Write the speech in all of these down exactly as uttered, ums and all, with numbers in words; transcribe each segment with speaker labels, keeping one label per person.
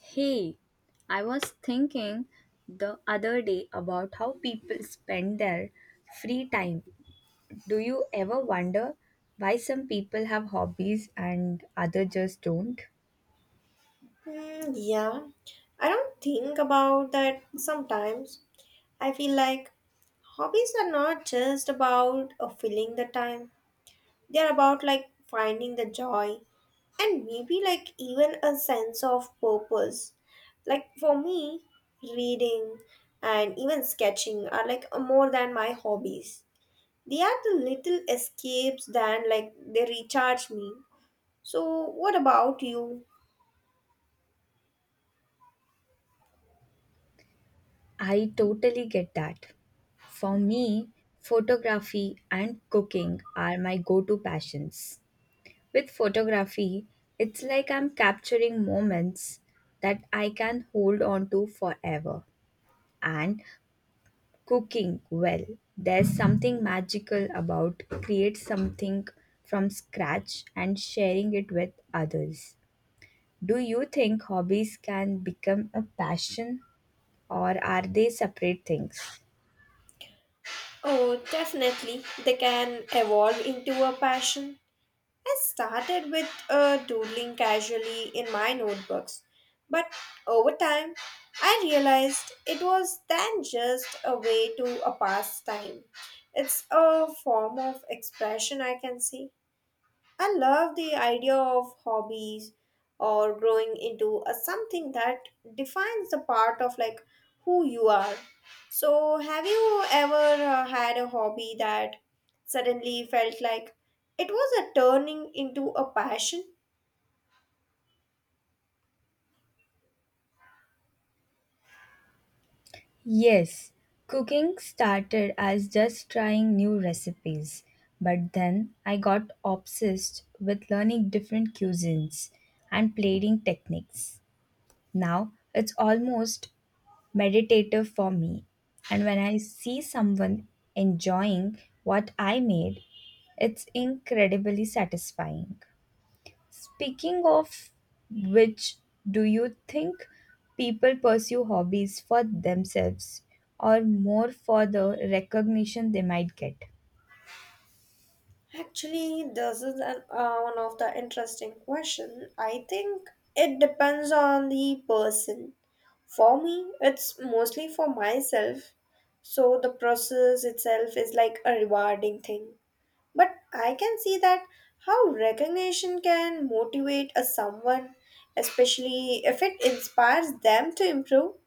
Speaker 1: Hey, I was thinking the other day about how people spend their free time. Do you ever wonder why some people have hobbies and others just don't?
Speaker 2: Hmm, yeah, I don't think about that sometimes. I feel like hobbies are not just about uh, filling the time, they're about like finding the joy and maybe like even a sense of purpose. Like for me, reading and even sketching are like uh, more than my hobbies. They are the little escapes that like they recharge me. So, what about you?
Speaker 1: I totally get that. For me, photography and cooking are my go to passions. With photography, it's like I'm capturing moments that I can hold on to forever. And cooking, well, there's something magical about create something from scratch and sharing it with others. Do you think hobbies can become a passion or are they separate things?
Speaker 2: Oh, definitely. They can evolve into a passion. I started with uh, doodling casually in my notebooks, but over time, I realized it was then just a way to a pastime. It's a form of expression, I can say. I love the idea of hobbies or growing into a something that defines the part of like who you are. So, have you ever uh, had a hobby that suddenly felt like it was a turning into a passion?
Speaker 1: Yes, cooking started as just trying new recipes, but then I got obsessed with learning different cuisines and plating techniques. Now it's almost meditative for me. And when I see someone enjoying what I made, it's incredibly satisfying. Speaking of which, do you think people pursue hobbies for themselves or more for the recognition they might get?
Speaker 2: Actually, this is an, uh, one of the interesting question. I think it depends on the person. For me, it's mostly for myself. So the process itself is like a rewarding thing. But I can see that how recognition can motivate a someone, especially if it inspires them to improve.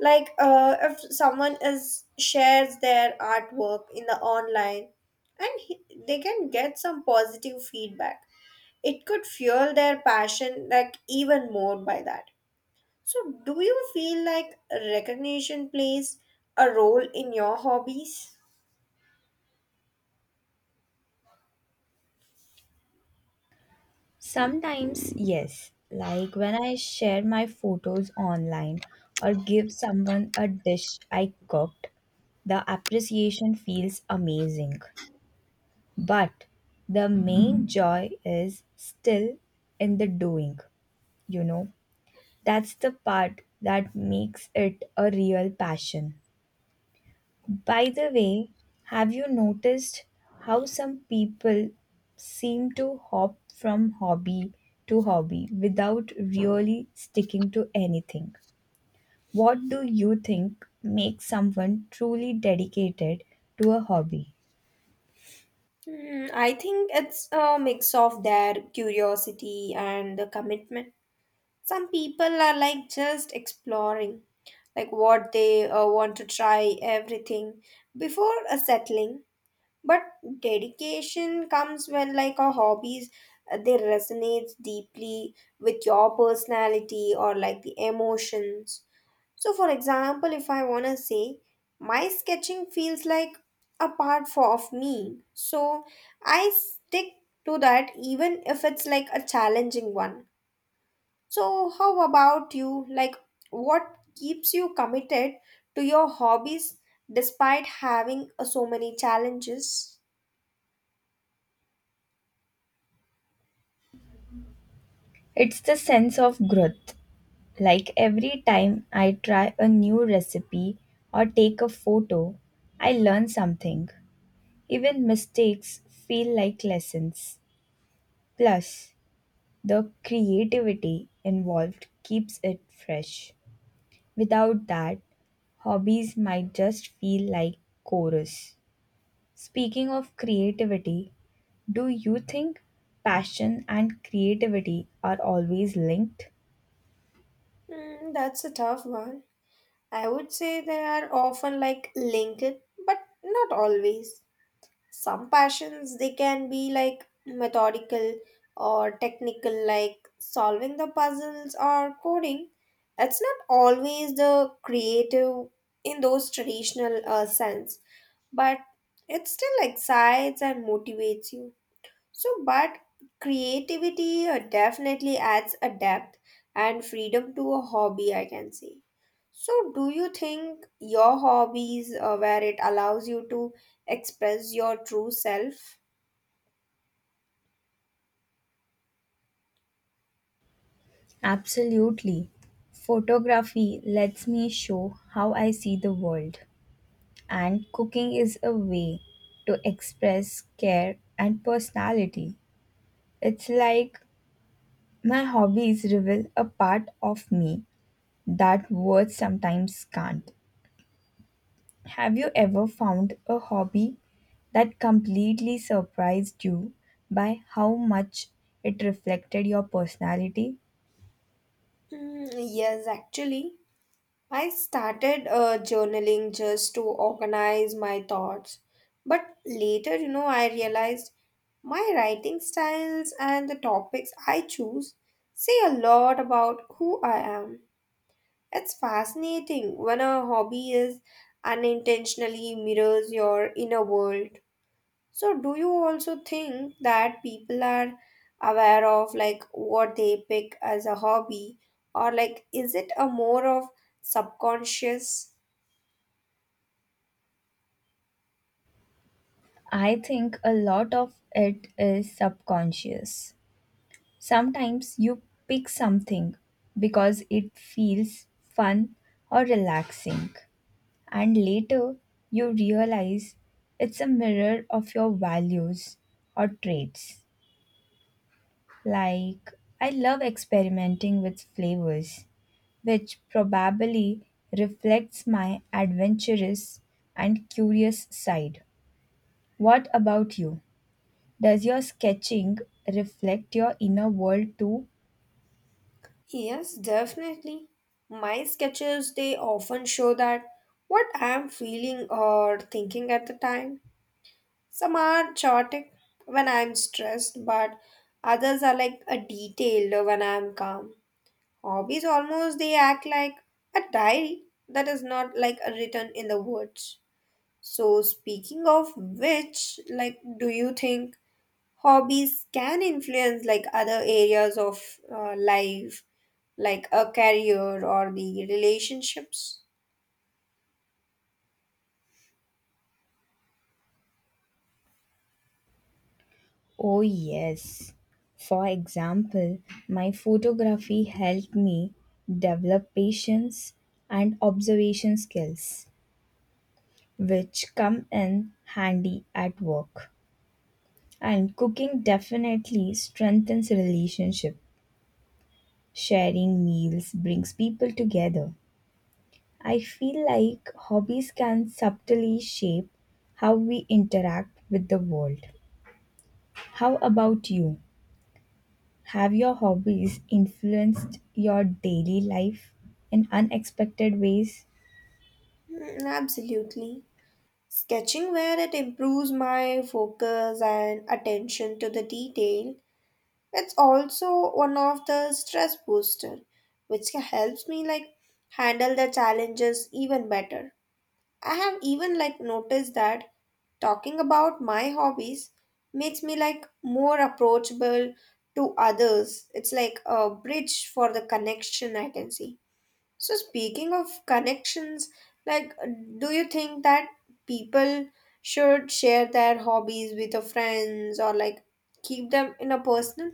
Speaker 2: Like uh, if someone is shares their artwork in the online, and he, they can get some positive feedback. It could fuel their passion like even more by that. So, do you feel like recognition plays a role in your hobbies?
Speaker 1: Sometimes, yes, like when I share my photos online or give someone a dish I cooked, the appreciation feels amazing. But the main joy is still in the doing, you know. That's the part that makes it a real passion. By the way, have you noticed how some people seem to hop from hobby to hobby without really sticking to anything? What do you think makes someone truly dedicated to a hobby?
Speaker 2: Hmm, I think it's a mix of their curiosity and the commitment. Some people are like just exploring, like what they uh, want to try everything before uh, settling. But dedication comes when like our hobbies uh, they resonates deeply with your personality or like the emotions. So, for example, if I want to say my sketching feels like a part for, of me, so I stick to that even if it's like a challenging one. So, how about you? Like, what keeps you committed to your hobbies despite having uh, so many challenges?
Speaker 1: It's the sense of growth. Like every time I try a new recipe or take a photo, I learn something. Even mistakes feel like lessons. Plus, the creativity involved keeps it fresh. Without that, hobbies might just feel like chorus. Speaking of creativity, do you think passion and creativity are always linked?
Speaker 2: Hmm, that's a tough one. I would say they are often like linked, but not always. Some passions they can be like methodical or technical like solving the puzzles or coding. It's not always the creative in those traditional uh, sense, but it still excites and motivates you. So, but creativity uh, definitely adds a depth and freedom to a hobby, I can say. So, do you think your hobbies, uh, where it allows you to express your true self?
Speaker 1: Absolutely. Photography lets me show how I see the world, and cooking is a way to express care and personality. It's like my hobbies reveal a part of me that words sometimes can't. Have you ever found a hobby that completely surprised you by how much it reflected your personality?
Speaker 2: Mm, yes, actually. I started uh, journaling just to organize my thoughts. But later, you know, I realized my writing styles and the topics I choose say a lot about who I am. It's fascinating when a hobby is unintentionally mirrors your inner world. So, do you also think that people are aware of like what they pick as a hobby, or like is it a more of subconscious?
Speaker 1: I think a lot of it is subconscious. Sometimes you pick something because it feels fun or relaxing, and later, you realize it's a mirror of your values or traits. Like, I love experimenting with flavors, which probably reflects my adventurous and curious side. What about you? Does your sketching reflect your inner world too?
Speaker 2: Yes, definitely. My sketches they often show that what I am feeling or thinking at the time. Some are chaotic when I'm stressed, but others are like a detailed when I'm calm. Hobbies almost they act like a diary that is not like a written in the words. So speaking of which, like do you think hobbies can influence like other areas of uh, life like a career or the relationships?
Speaker 1: Oh, yes. For example, my photography helped me develop patience and observation skills, which come in handy at work. And cooking definitely strengthens relationship. Sharing meals brings people together. I feel like hobbies can subtly shape how we interact with the world. How about you? Have your hobbies influenced your daily life in unexpected ways?
Speaker 2: Mm, absolutely. Sketching where it improves my focus and attention to the detail. It's also one of the stress booster, which helps me like handle the challenges even better. I have even like noticed that talking about my hobbies makes me like more approachable to others. It's like a bridge for the connection I can see. So speaking of connections, like uh, do you think that people should share their hobbies with their friends or like keep them in a personal?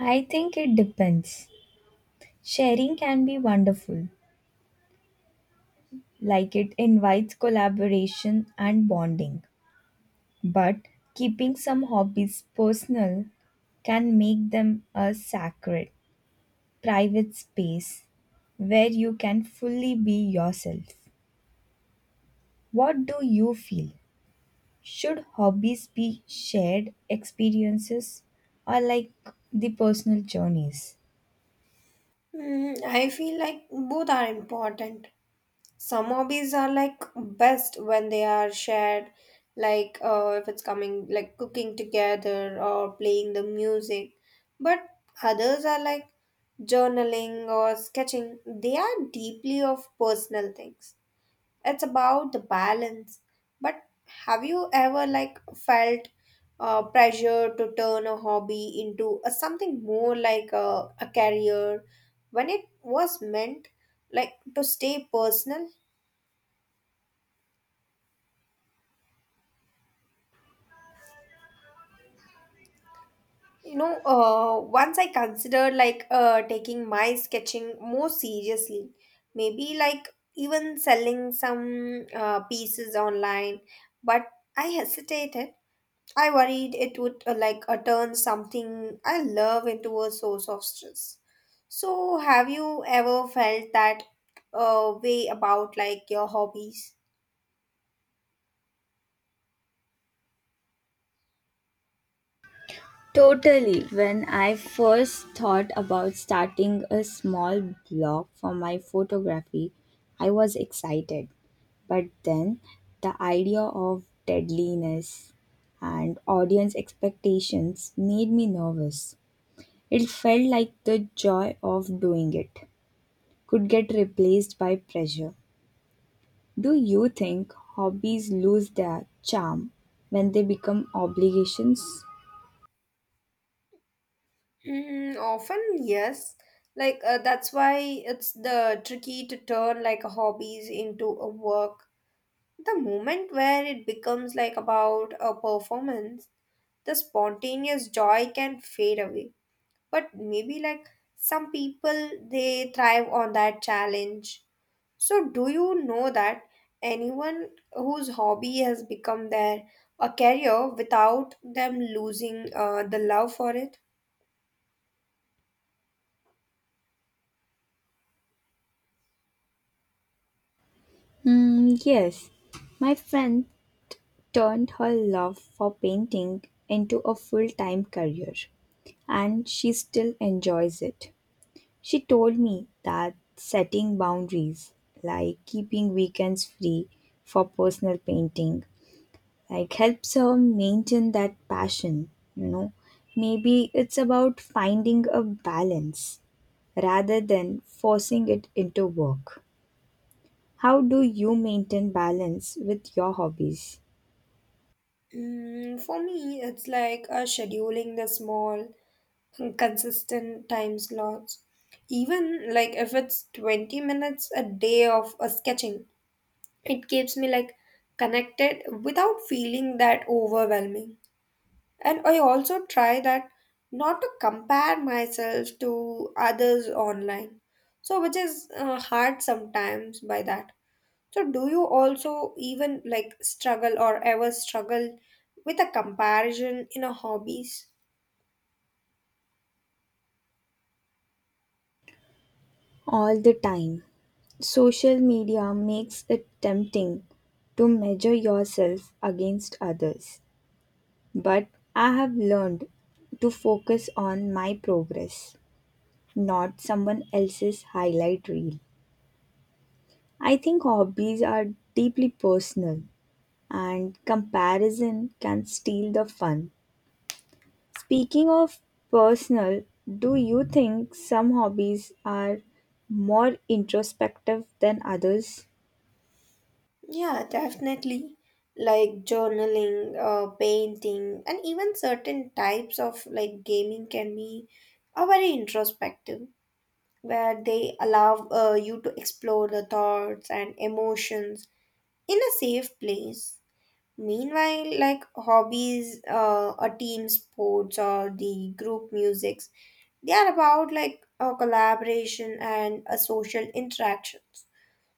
Speaker 1: I think it depends. Sharing can be wonderful, like it invites collaboration and bonding. But keeping some hobbies personal can make them a sacred, private space where you can fully be yourself. What do you feel? Should hobbies be shared experiences or like the personal journeys?
Speaker 2: Mm, I feel like both are important. Some hobbies are like best when they are shared, like uh, if it's coming like cooking together or playing the music. But others are like journaling or sketching. They are deeply of personal things. It's about the balance, but have you ever like felt uh, pressure to turn a hobby into a, something more like a, a career when it was meant like to stay personal? You know, uh, once I considered like uh, taking my sketching more seriously, maybe like even selling some uh, pieces online, but I hesitated. I worried it would uh, like uh, turn something I love into a source of stress. So, have you ever felt that uh, way about like your hobbies?
Speaker 1: Totally. When I first thought about starting a small blog for my photography, I was excited. But then the idea of deadliness and audience expectations made me nervous. It felt like the joy of doing it could get replaced by pressure. Do you think hobbies lose their charm when they become obligations?
Speaker 2: Mm, often, yes. Like uh, that's why it's the tricky to turn like a hobbies into a work. The moment where it becomes like about a performance, the spontaneous joy can fade away. But maybe like some people they thrive on that challenge. So, do you know that anyone whose hobby has become their a career without them losing uh, the love for it?
Speaker 1: Hmm, yes. My friend turned her love for painting into a full time career, and she still enjoys it. She told me that setting boundaries, like keeping weekends free for personal painting, like helps her maintain that passion, you know. Maybe it's about finding a balance rather than forcing it into work. How do you maintain balance with your hobbies?
Speaker 2: Mm, for me, it's like uh, scheduling the small, consistent time slots. Even like if it's twenty minutes a day of uh, sketching, it keeps me like connected without feeling that overwhelming. And I also try that not to compare myself to others online. So, which is uh, hard sometimes by that. So, do you also even like struggle or ever struggle with a comparison in a hobbies?
Speaker 1: All the time. Social media makes it tempting to measure yourself against others, but I have learned to focus on my progress, not someone else's highlight reel. I think hobbies are deeply personal and comparison can steal the fun. Speaking of personal, do you think some hobbies are more introspective than others?
Speaker 2: Yeah, definitely. Like journaling, uh, painting, and even certain types of like gaming can be a very introspective, where they allow uh, you to explore the thoughts and emotions in a safe place. Meanwhile, like hobbies, uh, a team sports or the group musics, they are about like a collaboration and a social interactions.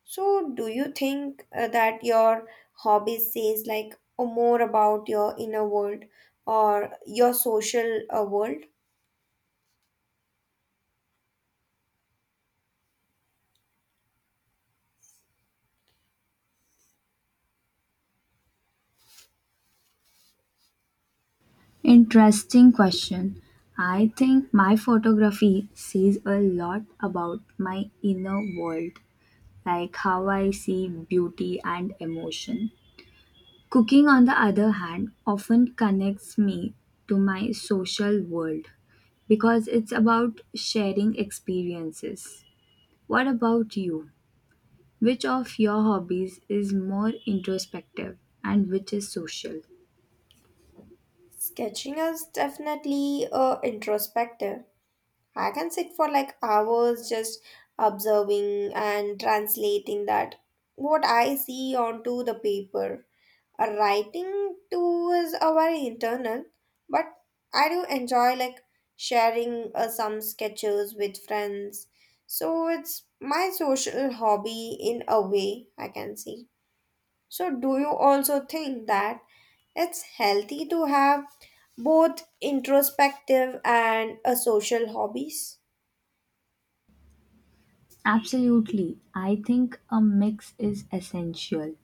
Speaker 2: So, do you think uh, that your hobby says like more about your inner world or your social uh, world?
Speaker 1: Interesting question. I think my photography says a lot about my inner world, like how I see beauty and emotion. Cooking, on the other hand, often connects me to my social world because it's about sharing experiences. What about you? Which of your hobbies is more introspective and which is social?
Speaker 2: Sketching is definitely uh, introspective. I can sit for like hours just observing and translating that what I see onto the paper. A writing too is a very internal, but I do enjoy like sharing uh, some sketches with friends. So it's my social hobby in a way, I can see. So do you also think that it's healthy to have both introspective and a social hobbies?
Speaker 1: Absolutely. I think a mix is essential.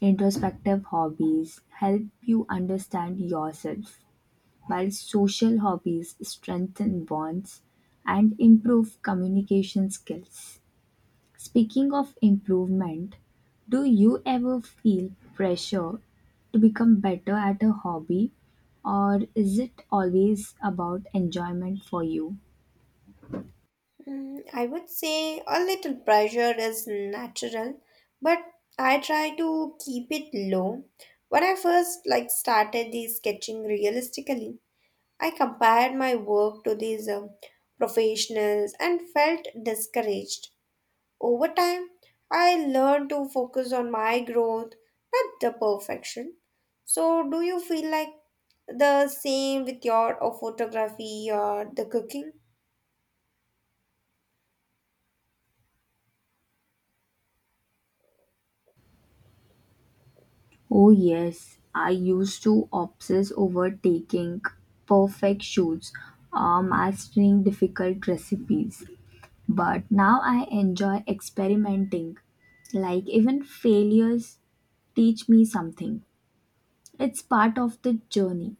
Speaker 1: Introspective hobbies help you understand yourself, while social hobbies strengthen bonds and improve communication skills. Speaking of improvement, do you ever feel pressure to become better at a hobby, or is it always about enjoyment for you?
Speaker 2: Mm, I would say a little pressure is natural, but I try to keep it low. When I first like started the sketching realistically, I compared my work to these um, professionals and felt discouraged. Over time, I learned to focus on my growth, not the perfection. So, do you feel like the same with your uh, photography or the cooking?
Speaker 1: Oh, yes, I used to obsess over taking perfect shoots or mastering difficult recipes, but now I enjoy experimenting. Like, even failures teach me something, it's part of the journey.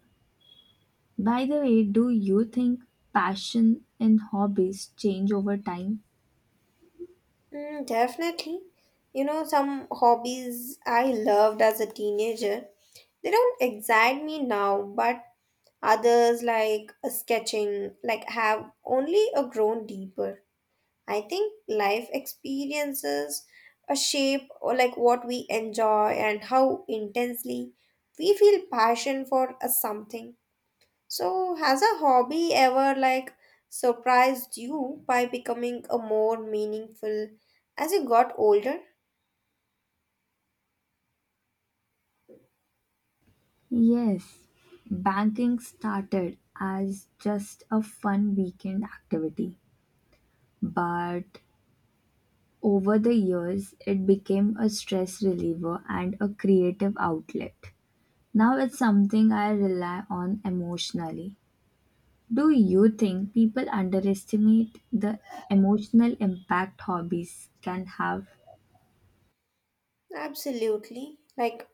Speaker 1: By the way, do you think passion and hobbies change over time?
Speaker 2: Mm, definitely. You know, some hobbies I loved as a teenager, they don't excite me now, but others like sketching, like have only a grown deeper. I think life experiences a shape or like what we enjoy and how intensely we feel passion for a something. So has a hobby ever like surprised you by becoming a more meaningful as you got older?
Speaker 1: Yes, banking started as just a fun weekend activity, but over the years it became a stress reliever and a creative outlet. Now it's something I rely on emotionally. Do you think people underestimate the emotional impact hobbies can have?
Speaker 2: Absolutely. Like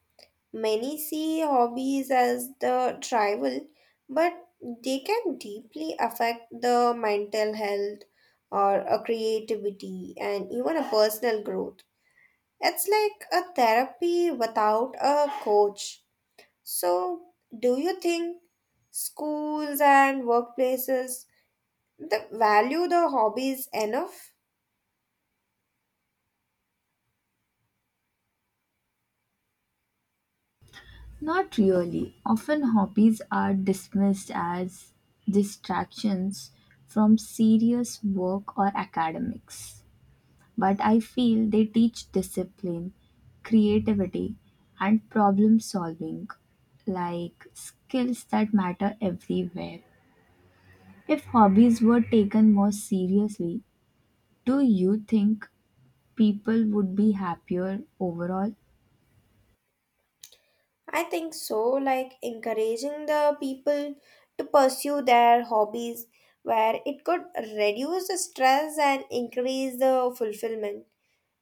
Speaker 2: many see hobbies as the trivial, but they can deeply affect the mental health or a creativity and even a personal growth. It's like a therapy without a coach. So, do you think schools and workplaces that value the hobbies enough?
Speaker 1: Not really. Often hobbies are dismissed as distractions from serious work or academics. But I feel they teach discipline, creativity, and problem solving, like skills that matter everywhere. If hobbies were taken more seriously, do you think people would be happier overall?
Speaker 2: I think so, like encouraging the people to pursue their hobbies where it could reduce the stress and increase the fulfillment.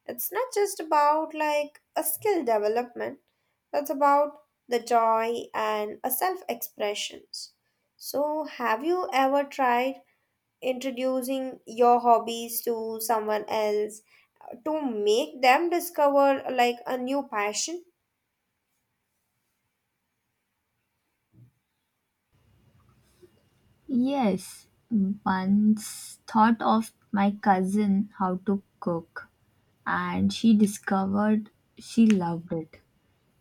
Speaker 2: It's not just about like a skill development, it's about the joy and a self expressions. So, have you ever tried introducing your hobbies to someone else uh, to make them discover like a new passion?
Speaker 1: Yes, once thought of my cousin how to cook and she discovered she loved it.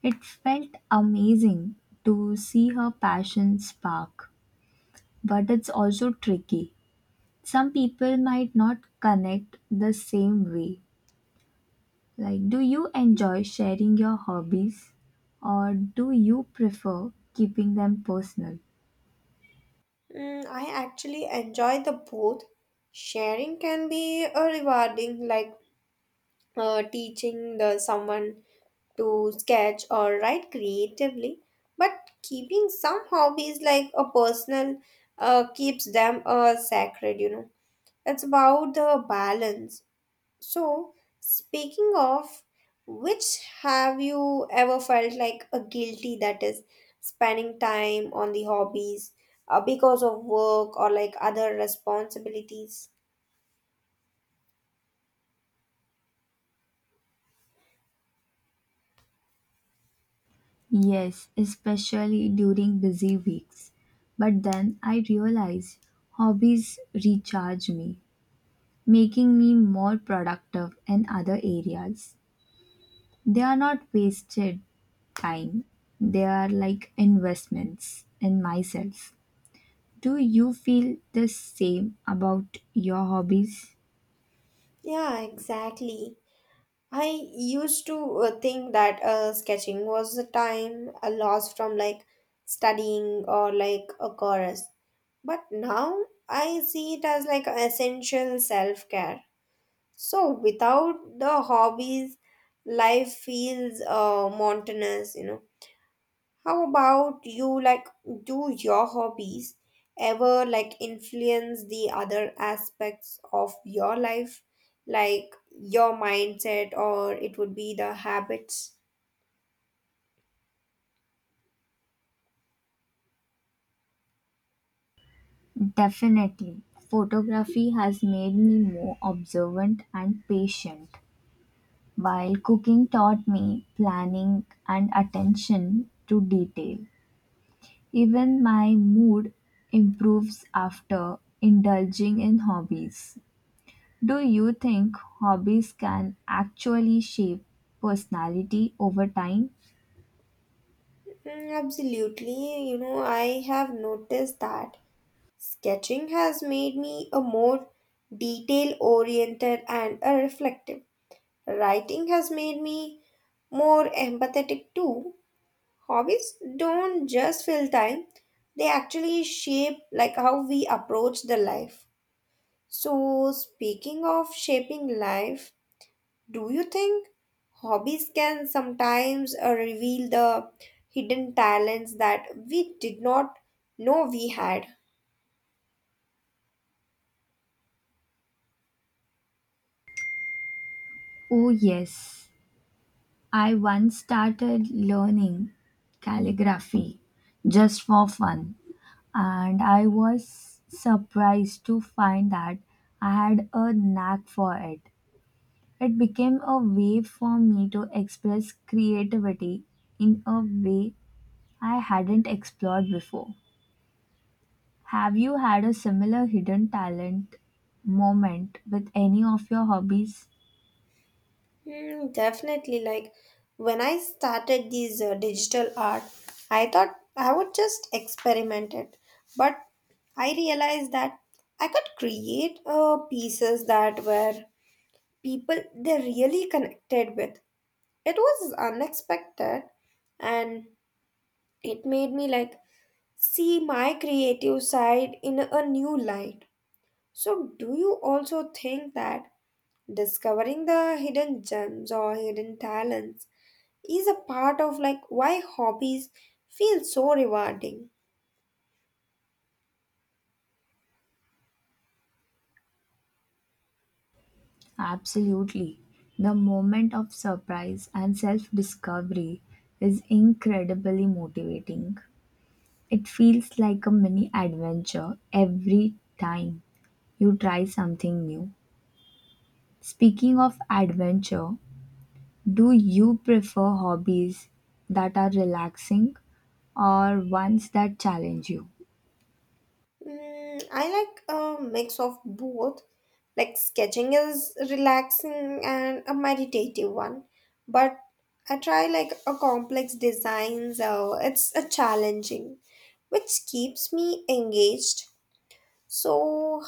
Speaker 1: It felt amazing to see her passion spark, but it's also tricky. Some people might not connect the same way. Like, do you enjoy sharing your hobbies or do you prefer keeping them personal?
Speaker 2: Mm, I actually enjoy the both. Sharing can be uh, rewarding, like uh, teaching the someone to sketch or write creatively. But keeping some hobbies like a personal uh, keeps them uh, sacred. You know, it's about the balance. So, speaking of which, have you ever felt like a guilty that is spending time on the hobbies uh, because of work or like other responsibilities?
Speaker 1: Yes, especially during busy weeks. But then I realized hobbies recharge me, making me more productive in other areas. They are not wasted time, they are like investments in myself. Do you feel the same about your hobbies?
Speaker 2: Yeah, exactly. I used to uh, think that uh, sketching was a time a loss from like studying or like a chorus, but now I see it as like an essential self care. So without the hobbies, life feels uh, monotonous, you know. How about you? Like, do your hobbies ever like influence the other aspects of your life, like your mindset, or it would be the habits?
Speaker 1: Definitely. Photography has made me more observant and patient. While cooking taught me planning and attention to detail, even my mood improves after indulging in hobbies. Do you think hobbies can actually shape personality over time?
Speaker 2: Mm, absolutely. You know, I have noticed that sketching has made me a more detail oriented and a reflective. Writing has made me more empathetic too. Hobbies don't just fill time, they actually shape like how we approach the life. So speaking of shaping life, do you think hobbies can sometimes uh, reveal the hidden talents that we did not know we had?
Speaker 1: Oh, yes. I once started learning calligraphy just for fun, and I was surprised to find that I had a knack for it. It became a way for me to express creativity in a way I hadn't explored before. Have you had a similar hidden talent moment with any of your hobbies?
Speaker 2: Hmm, definitely. Like when I started these uh, digital art, I thought I would just experiment it, but I realized that I could create uh, pieces that were people they really connected with. It was unexpected, and it made me like see my creative side in a new light. So, do you also think that discovering the hidden gems or hidden talents is a part of like why hobbies feel so rewarding?
Speaker 1: Absolutely. The moment of surprise and self discovery is incredibly motivating. It feels like a mini adventure every time you try something new. Speaking of adventure, do you prefer hobbies that are relaxing or ones that challenge you?
Speaker 2: Mm, I like a mix of both. Like sketching is relaxing and a meditative one, but I try like a complex design, so it's a challenging, which keeps me engaged. So,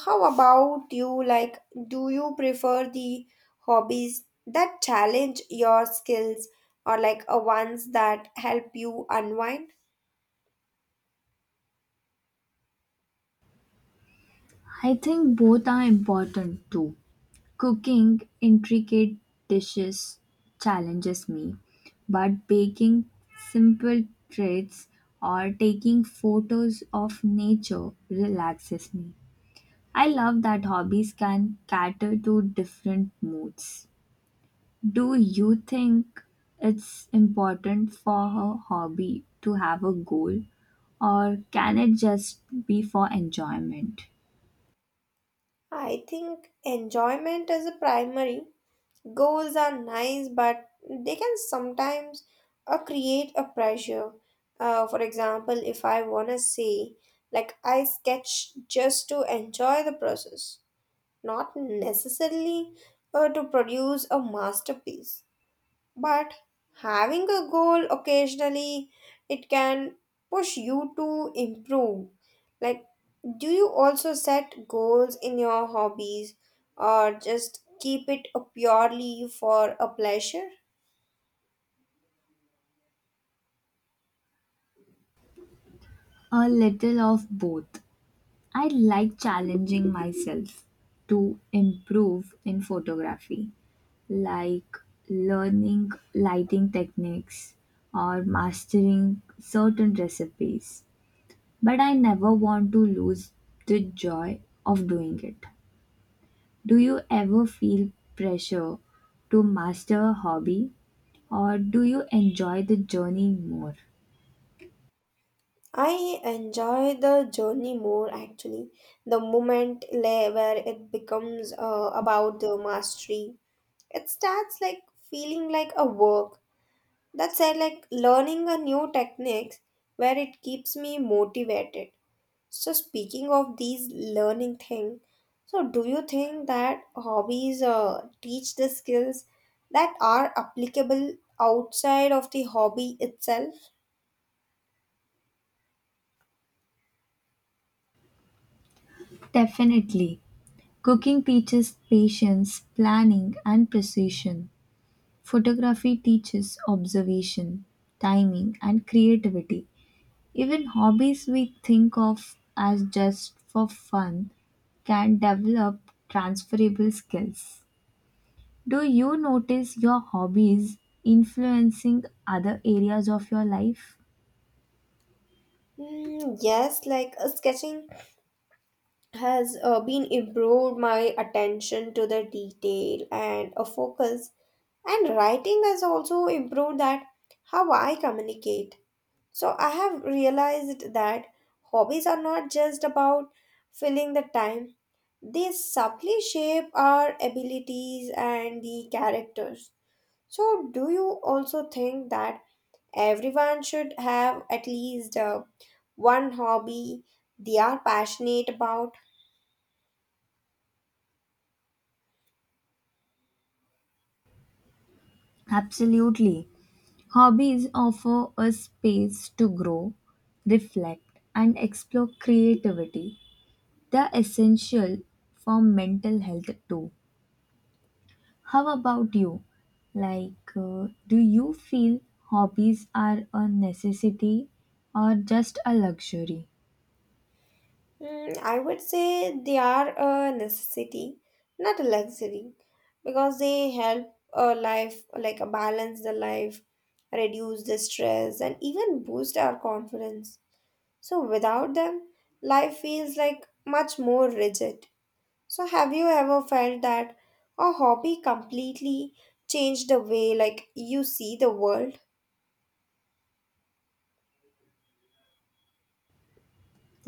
Speaker 2: how about you? Like, do you prefer the hobbies that challenge your skills or like a ones that help you unwind?
Speaker 1: I think both are important too. Cooking intricate dishes challenges me, but baking simple treats or taking photos of nature relaxes me. I love that hobbies can cater to different moods. Do you think it's important for a hobby to have a goal, or can it just be for enjoyment?
Speaker 2: I think enjoyment is a primary. Goals are nice, but they can sometimes uh, create a pressure. Uh, for example, if I want to say, like, I sketch just to enjoy the process, not necessarily uh, to produce a masterpiece. But having a goal occasionally it can push you to improve. Like, do you also set goals in your hobbies or just keep it purely for a pleasure?
Speaker 1: A little of both. I like challenging myself to improve in photography, like learning lighting techniques or mastering certain recipes, but I never want to lose the joy of doing it. Do you ever feel pressure to master a hobby or do you enjoy the journey more?
Speaker 2: I enjoy the journey more actually. The moment le- where it becomes uh, about the mastery, it starts like feeling like a work. That's I like learning a new techniques where it keeps me motivated. So speaking of these learning thing, so do you think that hobbies uh, teach the skills that are applicable outside of the hobby itself?
Speaker 1: Definitely. Cooking teaches patience, planning, and precision. Photography teaches observation, timing, and creativity. Even hobbies we think of as just for fun can develop transferable skills. Do you notice your hobbies influencing other areas of your life?
Speaker 2: Mm, yes, like uh, sketching has uh, been improved my attention to the detail and a focus, and writing has also improved that how I communicate. So I have realized that hobbies are not just about filling the time, they subtly shape our abilities and the characters. So, do you also think that everyone should have at least uh, one hobby they are passionate about?
Speaker 1: Absolutely. Hobbies offer a space to grow, reflect, and explore creativity. They're essential for mental health too. How about you? Like, uh, do you feel hobbies are a necessity or just a luxury?
Speaker 2: Mm, I would say they are a necessity, not a luxury, because they help a life, like a balance the life, reduce the stress, and even boost our confidence. So without them, life feels like much more rigid. So have you ever felt that a hobby completely changed the way like you see the world?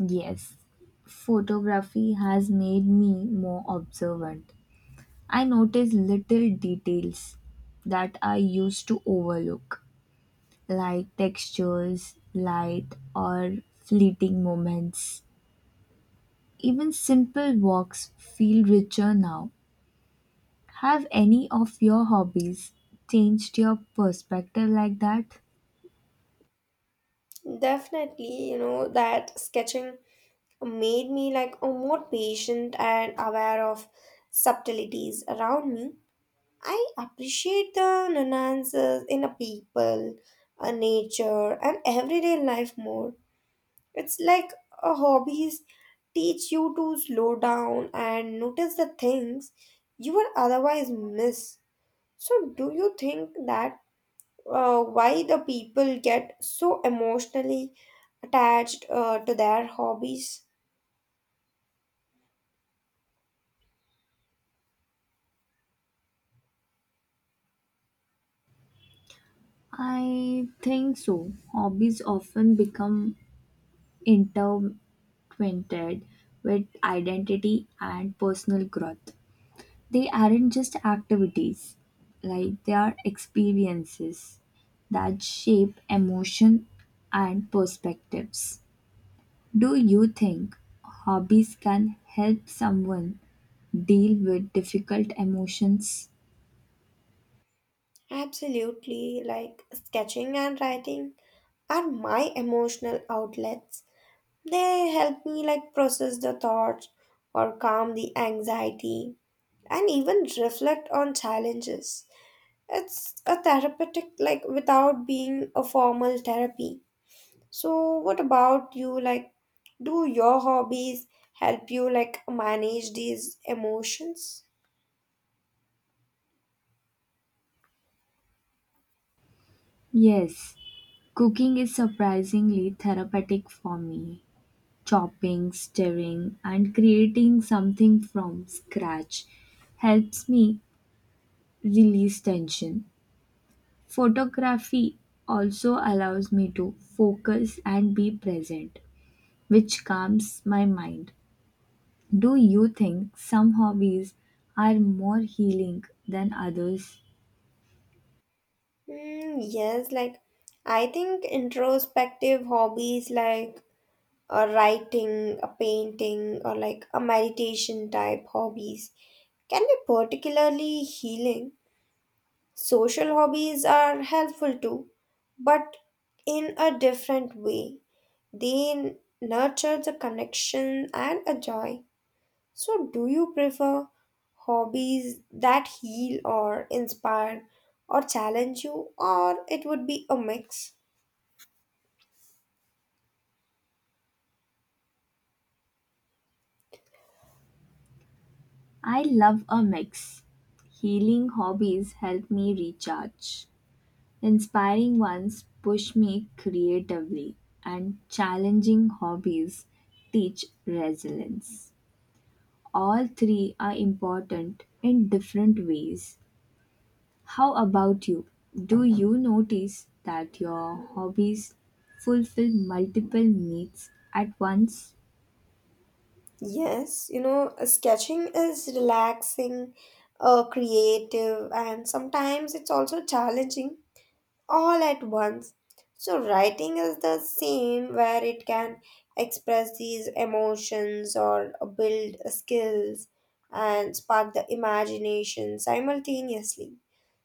Speaker 1: Yes, photography has made me more observant. I notice little details that I used to overlook like textures, light, or fleeting moments. Even simple walks feel richer now. Have any of your hobbies changed your perspective like that?
Speaker 2: Definitely, you know, that sketching made me like a more patient and aware of subtleties around me. I appreciate the nuances in a people, a nature, and everyday life more. It's like a hobbies teach you to slow down and notice the things you would otherwise miss. So, do you think that uh, why the people get so emotionally attached uh, to their hobbies?
Speaker 1: I think so. Hobbies often become intertwined with identity and personal growth. They aren't just activities, like they are experiences that shape emotion and perspectives. Do you think hobbies can help someone deal with difficult emotions?
Speaker 2: Absolutely, like sketching and writing are my emotional outlets. They help me like process the thoughts or calm the anxiety and even reflect on challenges. It's a therapeutic like without being a formal therapy. So what about you? Like, do your hobbies help you like manage these emotions?
Speaker 1: Yes, cooking is surprisingly therapeutic for me. Chopping, stirring, and creating something from scratch helps me release tension. Photography also allows me to focus and be present, which calms my mind. Do you think some hobbies are more healing than others?
Speaker 2: Mm, yes, like I think introspective hobbies like a writing, a painting, or like a meditation type hobbies can be particularly healing. Social hobbies are helpful too, but in a different way. They nurture the connection and a joy. So, do you prefer hobbies that heal or inspire or challenge you, or it would be a mix?
Speaker 1: I love a mix. Healing hobbies help me recharge. Inspiring ones push me creatively, and challenging hobbies teach resilience. All three are important in different ways. How about you? Do you notice that your hobbies fulfill multiple needs at once?
Speaker 2: Yes, you know, uh, sketching is relaxing, uh, creative, and sometimes it's also challenging all at once. So, writing is the same where it can express these emotions or build skills and spark the imagination simultaneously.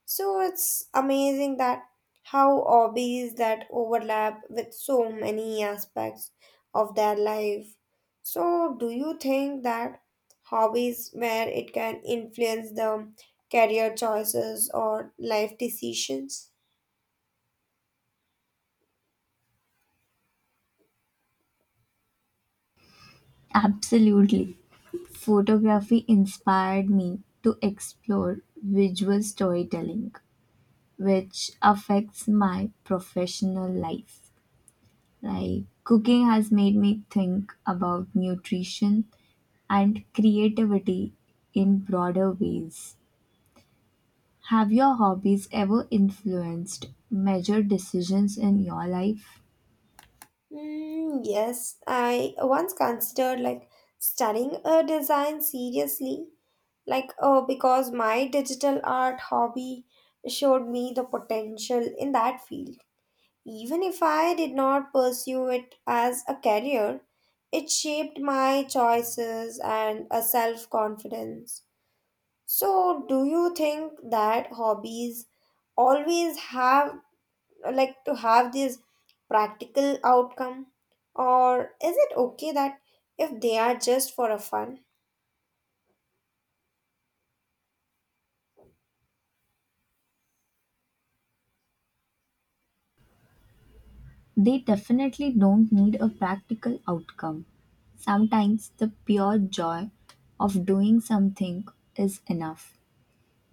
Speaker 2: So, it's amazing that how hobbies that overlap with so many aspects of their life. So, do you think that hobbies where it can influence the career choices or life decisions?
Speaker 1: Absolutely. Photography inspired me to explore visual storytelling, which affects my professional life. Like cooking has made me think about nutrition and creativity in broader ways. Have your hobbies ever influenced major decisions in your life?
Speaker 2: Mm, yes, I once considered like studying a design seriously, like oh, because my digital art hobby showed me the potential in that field. Even if I did not pursue it as a career, it shaped my choices and a self-confidence. So, do you think that hobbies always have like to have this practical outcome, or is it okay that if they are just for a fun?
Speaker 1: They definitely don't need a practical outcome. Sometimes the pure joy of doing something is enough.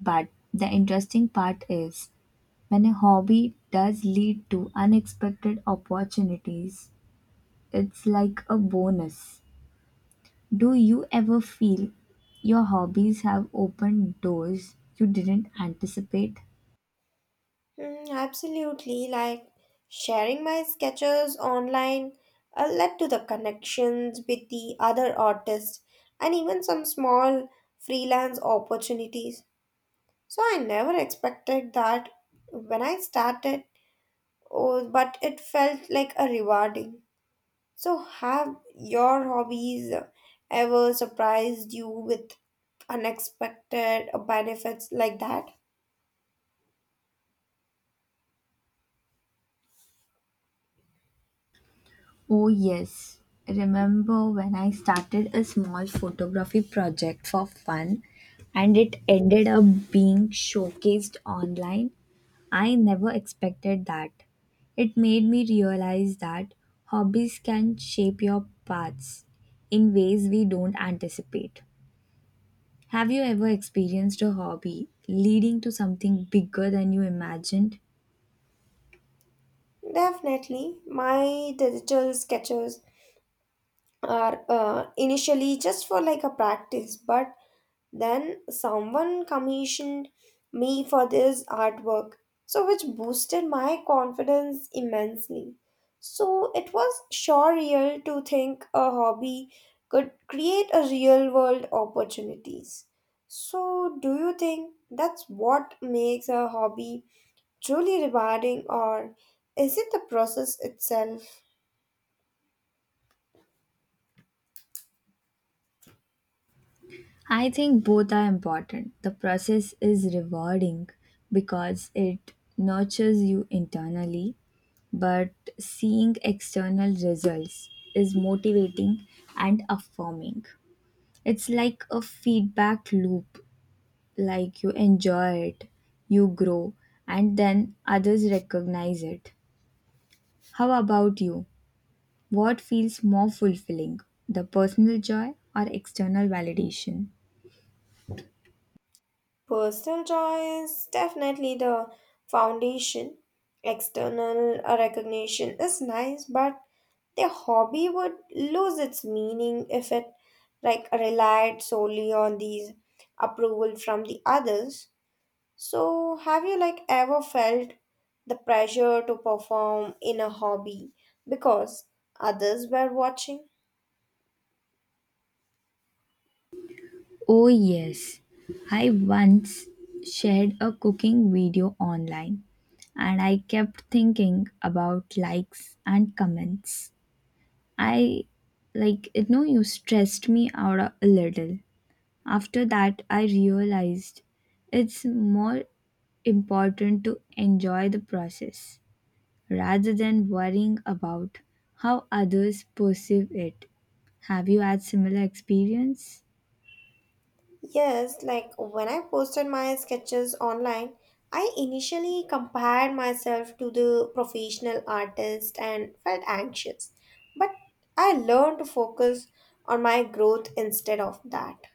Speaker 1: But the interesting part is when a hobby does lead to unexpected opportunities, it's like a bonus. Do you ever feel your hobbies have opened doors you didn't anticipate?
Speaker 2: Hmm, absolutely, like sharing my sketches online uh, led to the connections with the other artists and even some small freelance opportunities. So I never expected that when I started, oh, but it felt like a rewarding. So, have your hobbies ever surprised you with unexpected benefits like that?
Speaker 1: Oh, yes. Remember when I started a small photography project for fun and it ended up being showcased online? I never expected that. It made me realize that hobbies can shape your paths in ways we don't anticipate. Have you ever experienced a hobby leading to something bigger than you imagined?
Speaker 2: Definitely. My digital sketches are uh, initially just for like a practice, but then someone commissioned me for this artwork, so which boosted my confidence immensely. So it was surreal to think a hobby could create a real world opportunities. So do you think that's what makes a hobby truly rewarding, or is it the process itself?
Speaker 1: I think both are important. The process is rewarding because it nurtures you internally, but seeing external results is motivating and affirming. It's like a feedback loop, like you enjoy it, you grow, and then others recognize it. How about you? What feels more fulfilling, the personal joy or external validation?
Speaker 2: Personal joy is definitely the foundation. External uh, recognition is nice, but their hobby would lose its meaning if it like relied solely on these approval from the others. So have you like ever felt the pressure to perform in a hobby because others were watching?
Speaker 1: Oh, yes. I once shared a cooking video online and I kept thinking about likes and comments. I like it, no, you stressed me out a a little. After that, I realized it's more important to enjoy the process rather than worrying about how others perceive it. Have you had similar experience?
Speaker 2: Yes, like when I posted my sketches online, I initially compared myself to the professional artist and felt anxious. But I learned to focus on my growth instead of that.